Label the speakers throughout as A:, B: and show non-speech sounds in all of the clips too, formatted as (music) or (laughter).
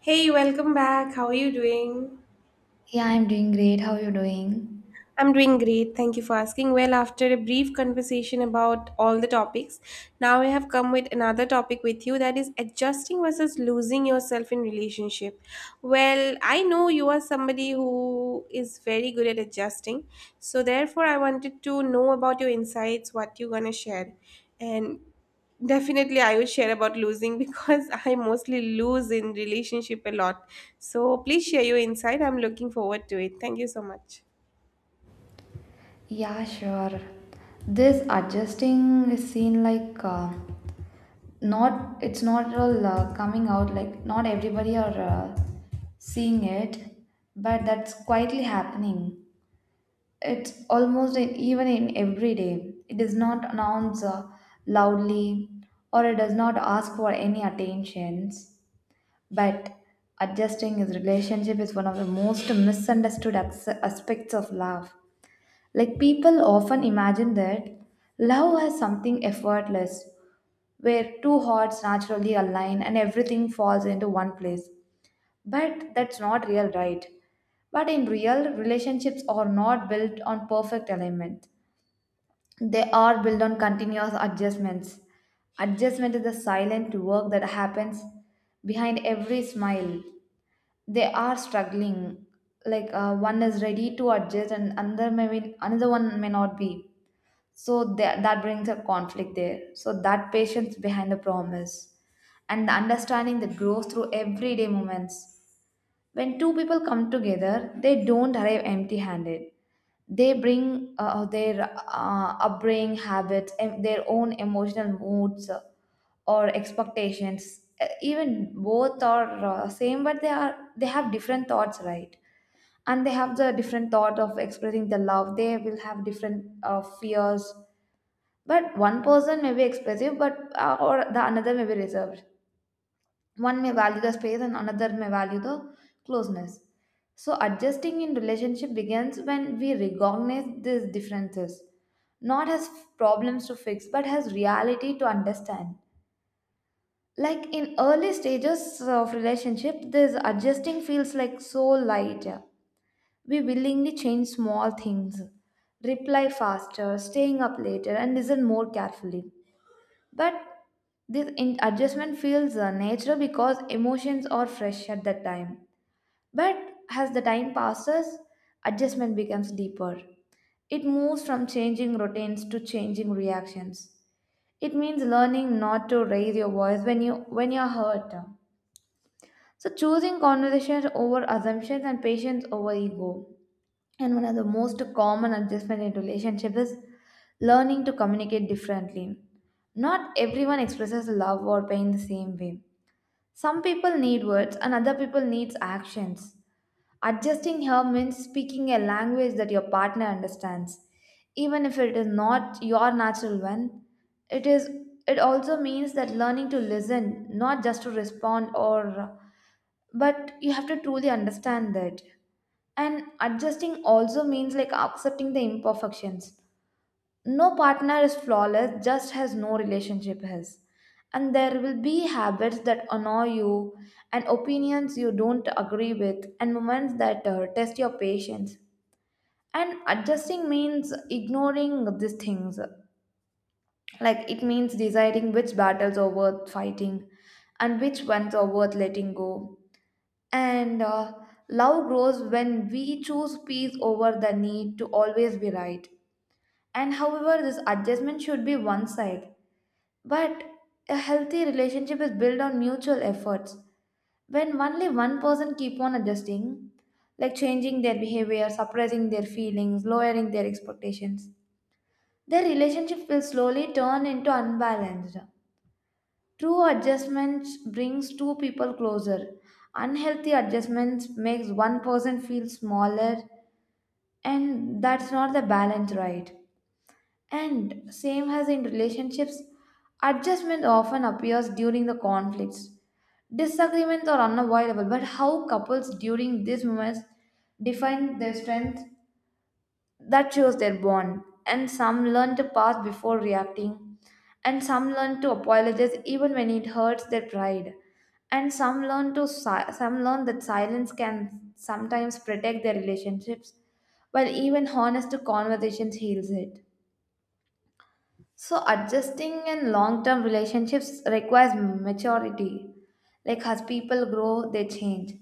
A: Hey, welcome back. How are you doing?
B: Yeah, I'm doing great. How are you doing?
A: I'm doing great. Thank you for asking. Well, after a brief conversation about all the topics, now I have come with another topic with you that is adjusting versus losing yourself in relationship. Well, I know you are somebody who is very good at adjusting. So therefore, I wanted to know about your insights, what you're going to share. And definitely I will share about losing (laughs) because I mostly lose in relationship a lot. So please share your insight. I'm looking forward to it. Thank you so much.
B: Yeah, sure. This adjusting is seen like not, it's not all coming out, like not everybody are seeing it, but that's quietly happening. It's almost in, even in every day. It does not announce loudly or it does not ask for any attentions, but adjusting his relationship is one of the most misunderstood aspects of love. Like people often imagine that love has something effortless, where two hearts naturally align and everything falls into one place. But that's not real, right? But in real, relationships are not built on perfect alignment. They are built on continuous adjustments. Adjustment is the silent work that happens behind every smile. They are struggling. Like one is ready to adjust, and another one may not be, so that brings a conflict there, so that patience behind the promise and the understanding that grows through everyday moments. When two people come together, they don't arrive empty handed. They bring their upbringing, habits, and their own emotional moods, or expectations. Even both are same, but they are they have different thoughts, right? And they have the different thought of expressing the love. They will have different fears, but one person may be expressive, but or the another may be reserved. One may value the space, and another may value the closeness. So adjusting in relationship begins when we recognize these differences, not as problems to fix, but as reality to understand. Like in early stages of relationship, this adjusting feels like so light. We willingly change small things, reply faster, staying up later, and listen more carefully. But this adjustment feels natural because emotions are fresh at that time. But as the time passes, adjustment becomes deeper. It moves from changing routines to changing reactions. It means learning not to raise your voice when you when you're hurt. So choosing conversations over assumptions and patience over ego. And one of the most common adjustment in relationship is learning to communicate differently. Not everyone expresses love or pain the same way. Some people need words and other people needs actions. Adjusting here means speaking a language that your partner understands. Even if it is not your natural one, it is it also means that learning to listen, not just to respond, or but you have to truly understand that. And adjusting also means like accepting the imperfections. No partner is flawless, just as no relationship is. And there will be habits that annoy you and opinions you don't agree with and moments that test your patience. And adjusting means ignoring these things. Like it means deciding which battles are worth fighting and which ones are worth letting go. And love grows when we choose peace over the need to always be right. And however, this adjustment should be one side. But a healthy relationship is built on mutual efforts. When only one person keep on adjusting, like changing their behavior, suppressing their feelings, lowering their expectations, their relationship will slowly turn into unbalanced. True adjustments brings two people closer. Unhealthy adjustments makes one person feel smaller, and that's not the balance, right? And same as in relationships, adjustment often appears during the conflicts. Disagreements are unavoidable, but how couples during these moments define their strength, that shows their bond. And some learn to pause before reacting, and some learn to apologize even when it hurts their pride, and some learn to some learn that silence can sometimes protect their relationships, while even honest conversations heals it. So adjusting in long term relationships requires maturity. Like as people grow, they change.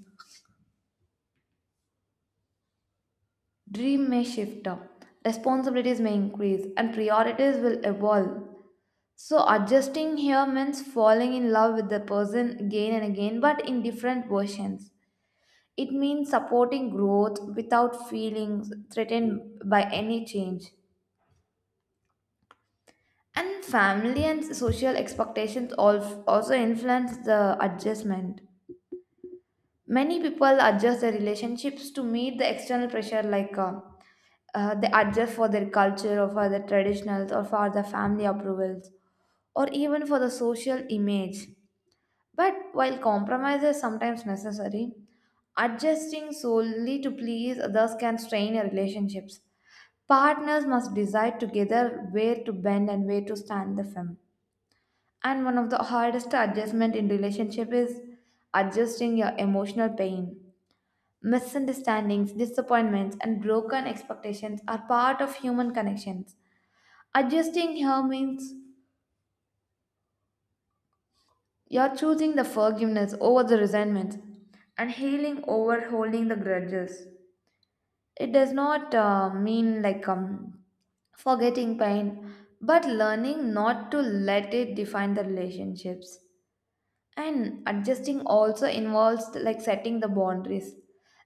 B: Dream may shift, responsibilities may increase, and priorities will evolve. So, adjusting here means falling in love with the person again and again, but in different versions. It means supporting growth without feeling threatened by any change. And family and social expectations also influence the adjustment. Many people adjust their relationships to meet the external pressure, like they adjust for their culture or for their traditionals or for the family approvals or even for the social image. But while compromise is sometimes necessary, adjusting solely to please others can strain your relationships. Partners must decide together where to bend and where to stand the firm. And one of the hardest adjustment in relationship is adjusting your emotional pain. Misunderstandings, disappointments, and broken expectations are part of human connections. Adjusting here means you're choosing the forgiveness over the resentment and healing over holding the grudges. It does not mean like forgetting pain, but learning not to let it define the relationships. And adjusting also involves like setting the boundaries.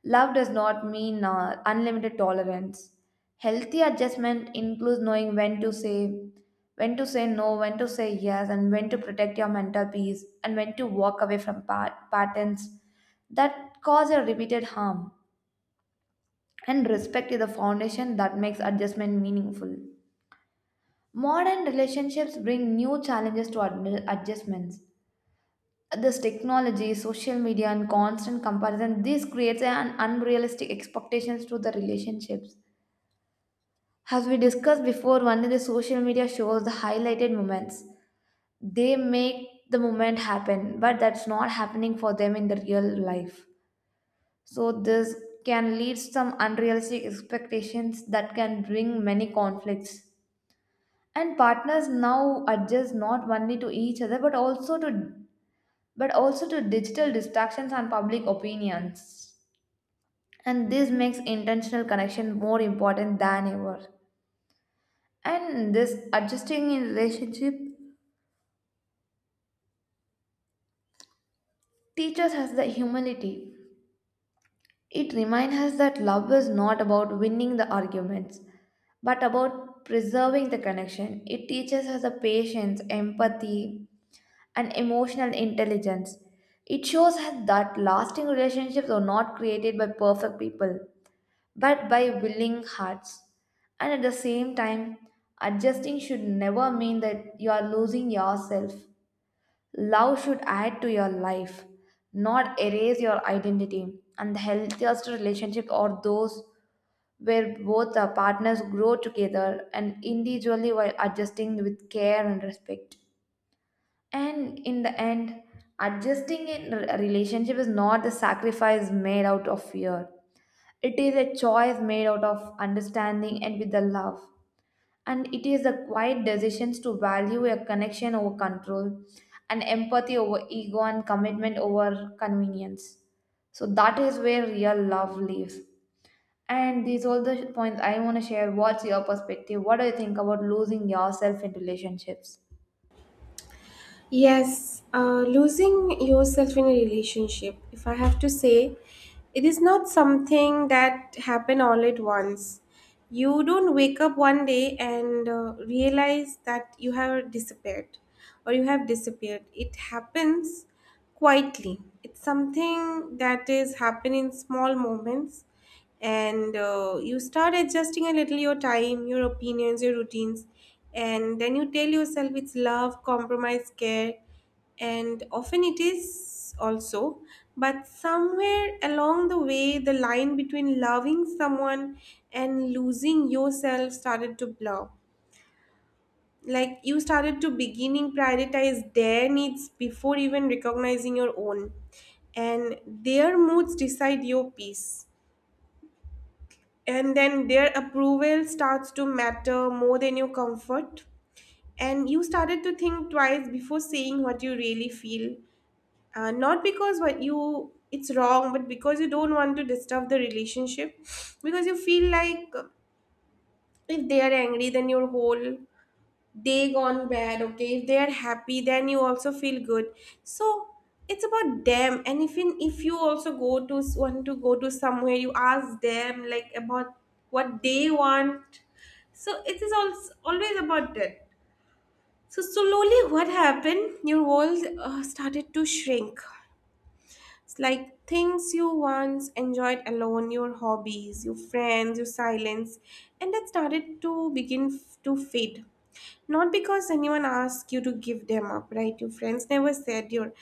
B: Love does not mean unlimited tolerance. Healthy adjustment includes knowing when to say no, when to say yes, and when to protect your mental peace, and when to walk away from patterns that cause a repeated harm. And respect is the foundation that makes adjustment meaningful. Modern relationships bring new challenges to adjustments. This technology, social media, and constant comparison, this creates an unrealistic expectations to the relationships. As we discussed before, only the social media shows the highlighted moments. They make the moment happen, but that's not happening for them in the real life. So this can lead some unrealistic expectations that can bring many conflicts. And partners now adjust not only to each other, but also to digital distractions and public opinions. And this makes intentional connection more important than ever. And this adjusting in relationship teaches us the humility. It reminds us that love is not about winning the arguments, but about preserving the connection. It teaches us the patience, empathy, and emotional intelligence. It shows us that lasting relationships are not created by perfect people, but by willing hearts. And at the same time, adjusting should never mean that you are losing yourself. Love should add to your life, not erase your identity. And the healthiest relationships are those where both the partners grow together and individually while adjusting with care and respect. And in the end, adjusting in a relationship is not a sacrifice made out of fear. It is a choice made out of understanding and with the love. And it is the quiet decisions to value a connection over control, and empathy over ego, and commitment over convenience. So that is where real love lives. And these all the points I want to share. What's your perspective? What do you think about losing yourself in relationships?
A: Yes, losing yourself in a relationship, if I have to say, it is not something that happen all at once. You don't wake up one day and realize that you have disappeared or you have disappeared. It happens quietly. It's something that is happen in small moments and you start adjusting a little, your time, your opinions, your routines, and then you tell yourself it's love, compromise, care, and often it is also, but somewhere along the way the line between loving someone and losing yourself started to blur. Like, you started to beginning prioritize their needs before even recognizing your own, and their moods decide your peace, and then their approval starts to matter more than your comfort, and you started to think twice before saying what you really feel, not because what you it's wrong, but because you don't want to disturb the relationship, because you feel like, if they are angry then your whole, they gone bad. Okay, if they are happy then you also feel good. So it's about them. And if in, if you also go to want to go to somewhere you ask them, like, about what they want. So it is also always about that. So slowly what happened, your world started to shrink. It's like things you once enjoyed alone, your hobbies, your friends, your silence, and that started to begin to fade, not because anyone asked you to give them up, right? Your friends never said, your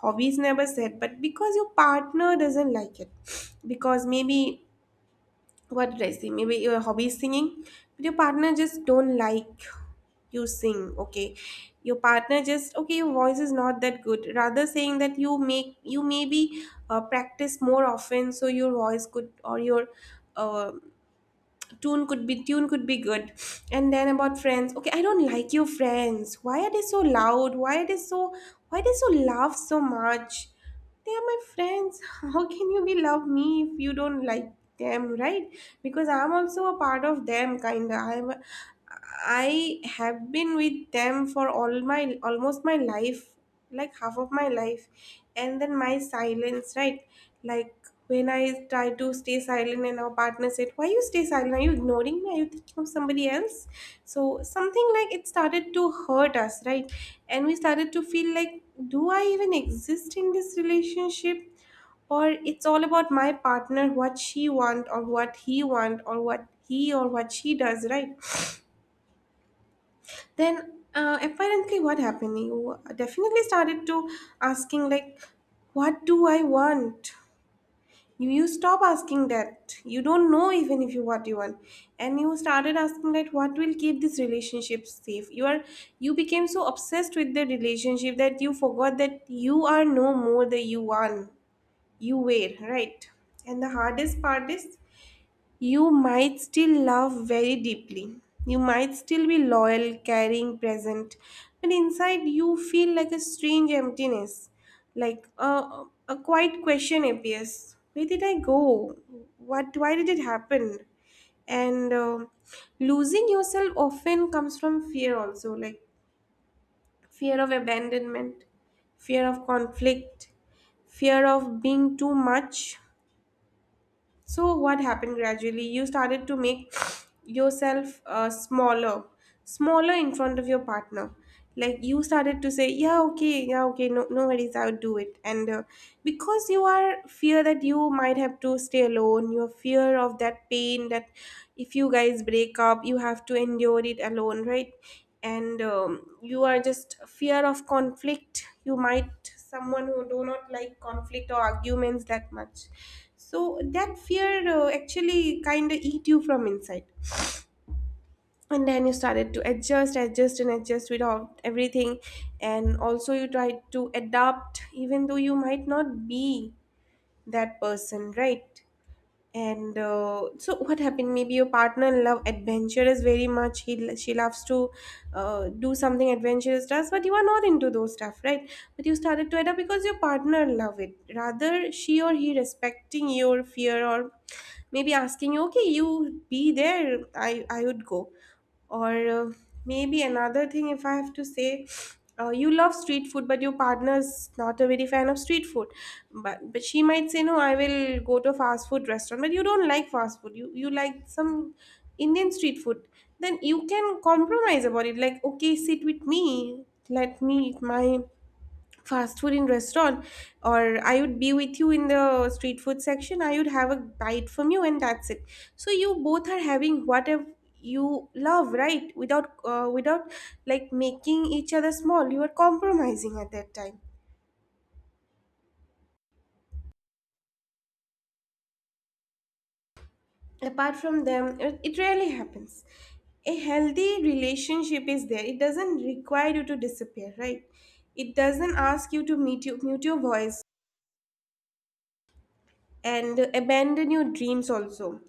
A: hobbies never said, but because your partner doesn't like it. (sniffs) Because maybe, what did I say? Maybe your hobby is singing, but your partner just don't like you sing, okay? Your partner just, okay, your voice is not that good. Rather saying that you make, you maybe practice more often so your voice could, or your uh, tune could be, tune could be good. And then about friends, okay, I don't like your friends, why are they so loud, why are they so, why they so laugh so much? They are my friends. (laughs) How can you be love me if you don't like them, right? Because I'm also a part of them, kinda. I have been with them for all my, almost my life, like half of my life. And then my silence, right? Like, when I try to stay silent and our partner said, why you stay silent? Are you ignoring me? Are you thinking of somebody else? So something like it started to hurt us, right? And we started to feel like, do I even exist in this relationship? Or it's all about my partner, what she want or what he want or what he or what she does, right? Then apparently what happened? You definitely started to asking like, what do I want? You stop asking that. You don't know even if you what you want. And you started asking that what will keep this relationship safe. You are, you became so obsessed with the relationship that you forgot that you are no more the you one. You were, right? And the hardest part is, you might still love very deeply. You might still be loyal, caring, present, but inside you feel like a strange emptiness. Like a quiet question appears, where did I go? What? Why did it happen? And losing yourself often comes from fear also, like fear of abandonment, fear of conflict, fear of being too much. So, what happened gradually? You started to make (sniffs) yourself smaller, smaller in front of your partner. Like you started to say, "Yeah, okay, yeah, okay, no, no worries, I'll do it." And because you are fear that you might have to stay alone, your fear of that pain that if you guys break up, you have to endure it alone, right? And you are just fear of conflict. You might someone who do not like conflict or arguments that much. So that fear actually kind of eat you from inside, and then you started to adjust and adjust with all, everything. And also you tried to adapt even though you might not be that person, right? and so, what happened? Maybe your partner love adventure is very much. He, she loves to do something adventurous does, but you are not into those stuff, right? But you started to adapt because your partner love it. Rather, she or he respecting your fear, or maybe asking you, okay, you be there. I would go. Or maybe another thing, if I have to say, you love street food but your partner's not a very fan of street food, but she might say no, I will go to a fast food restaurant, but you don't like fast food, you like some Indian street food. Then you can compromise about it, like okay, sit with me, let me eat my fast food in restaurant, or I would be with you in the street food section, I would have a bite from you, and that's it. So you both are having whatever you love, right? Without without like making each other small, you are compromising at that time. Apart from them, it rarely happens. A healthy relationship is there, it doesn't require you to disappear, right? It doesn't ask you to mute, you, mute your voice, and abandon your dreams also,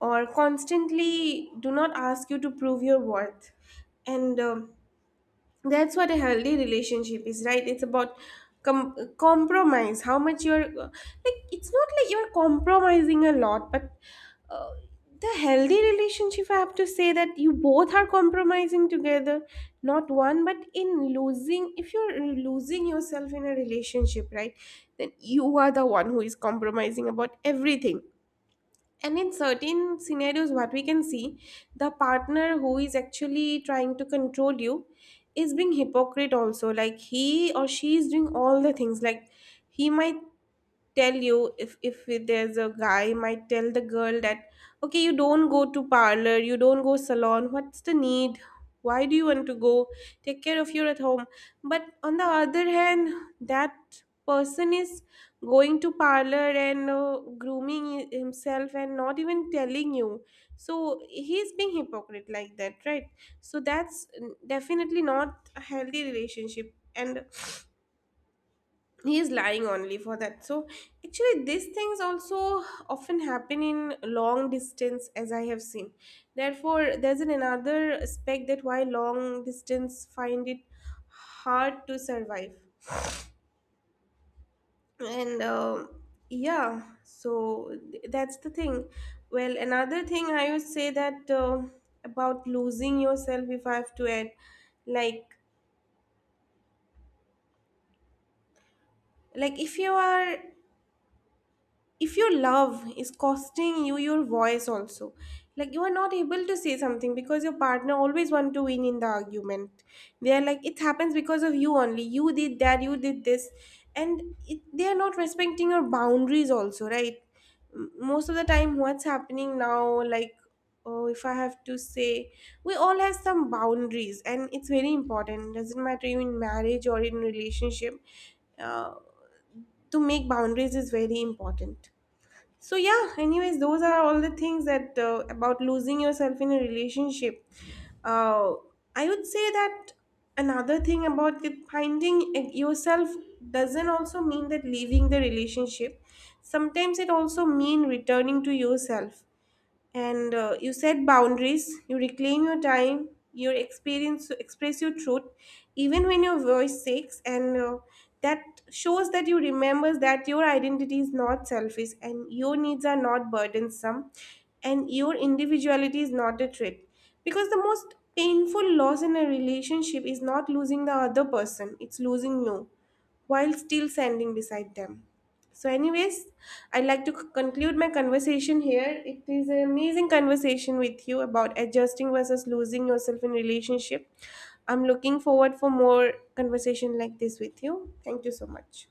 A: or constantly do not ask you to prove your worth. And that's what a healthy relationship is, right? It's about compromise. How much you're like, it's not like you're compromising a lot, but uh, the healthy relationship, I have to say, that you both are compromising together, not one, but in losing, if you're losing yourself in a relationship, right, then you are the one who is compromising about everything. And in certain scenarios, what we can see, the partner who is actually trying to control you is being hypocrite also. Like he or she is doing all the things. Like he might tell you, if there's a guy might tell the girl that, okay, you don't go to parlor, you don't go salon, what's the need, why do you want to go, take care of you at home. But on the other hand, that person is going to parlor and grooming himself and not even telling you. So he's being hypocrite like that, right? So that's, definitely not a healthy relationship, and he is lying only for that. So actually these things also often happen in long distance, as I have seen. Therefore there's an another aspect, that why long distance find it hard to survive. And yeah, so that's the thing. Well, another thing I would say, that about losing yourself, if I have to add, like like if you are, if your love is costing you your voice also, like you are not able to say something because your partner always want to win in the argument. They are like, it happens because of you, only you did that, you did this, and it, they are not respecting your boundaries also, right? Most of the time what's happening now, like, oh, if I have to say, we all have some boundaries, and it's very important, doesn't matter you in marriage or in relationship, uh, to make boundaries is very important. So yeah, anyways, those are all the things that, about losing yourself in a relationship. uh, I would say that, another thing about it, finding yourself doesn't also mean that leaving the relationship. Sometimes it also mean returning to yourself. And you set boundaries, you reclaim your time, your experience, express your truth, even when your voice shakes, and that shows that you remember that your identity is not selfish, and your needs are not burdensome, and your individuality is not a threat. Because the most painful loss in a relationship is not losing the other person, it's losing you while still standing beside them. So, anyways, I'd like to conclude my conversation here. It is an amazing conversation with you about adjusting versus losing yourself in relationship. I'm looking forward for more conversation like this with you. Thank you so much.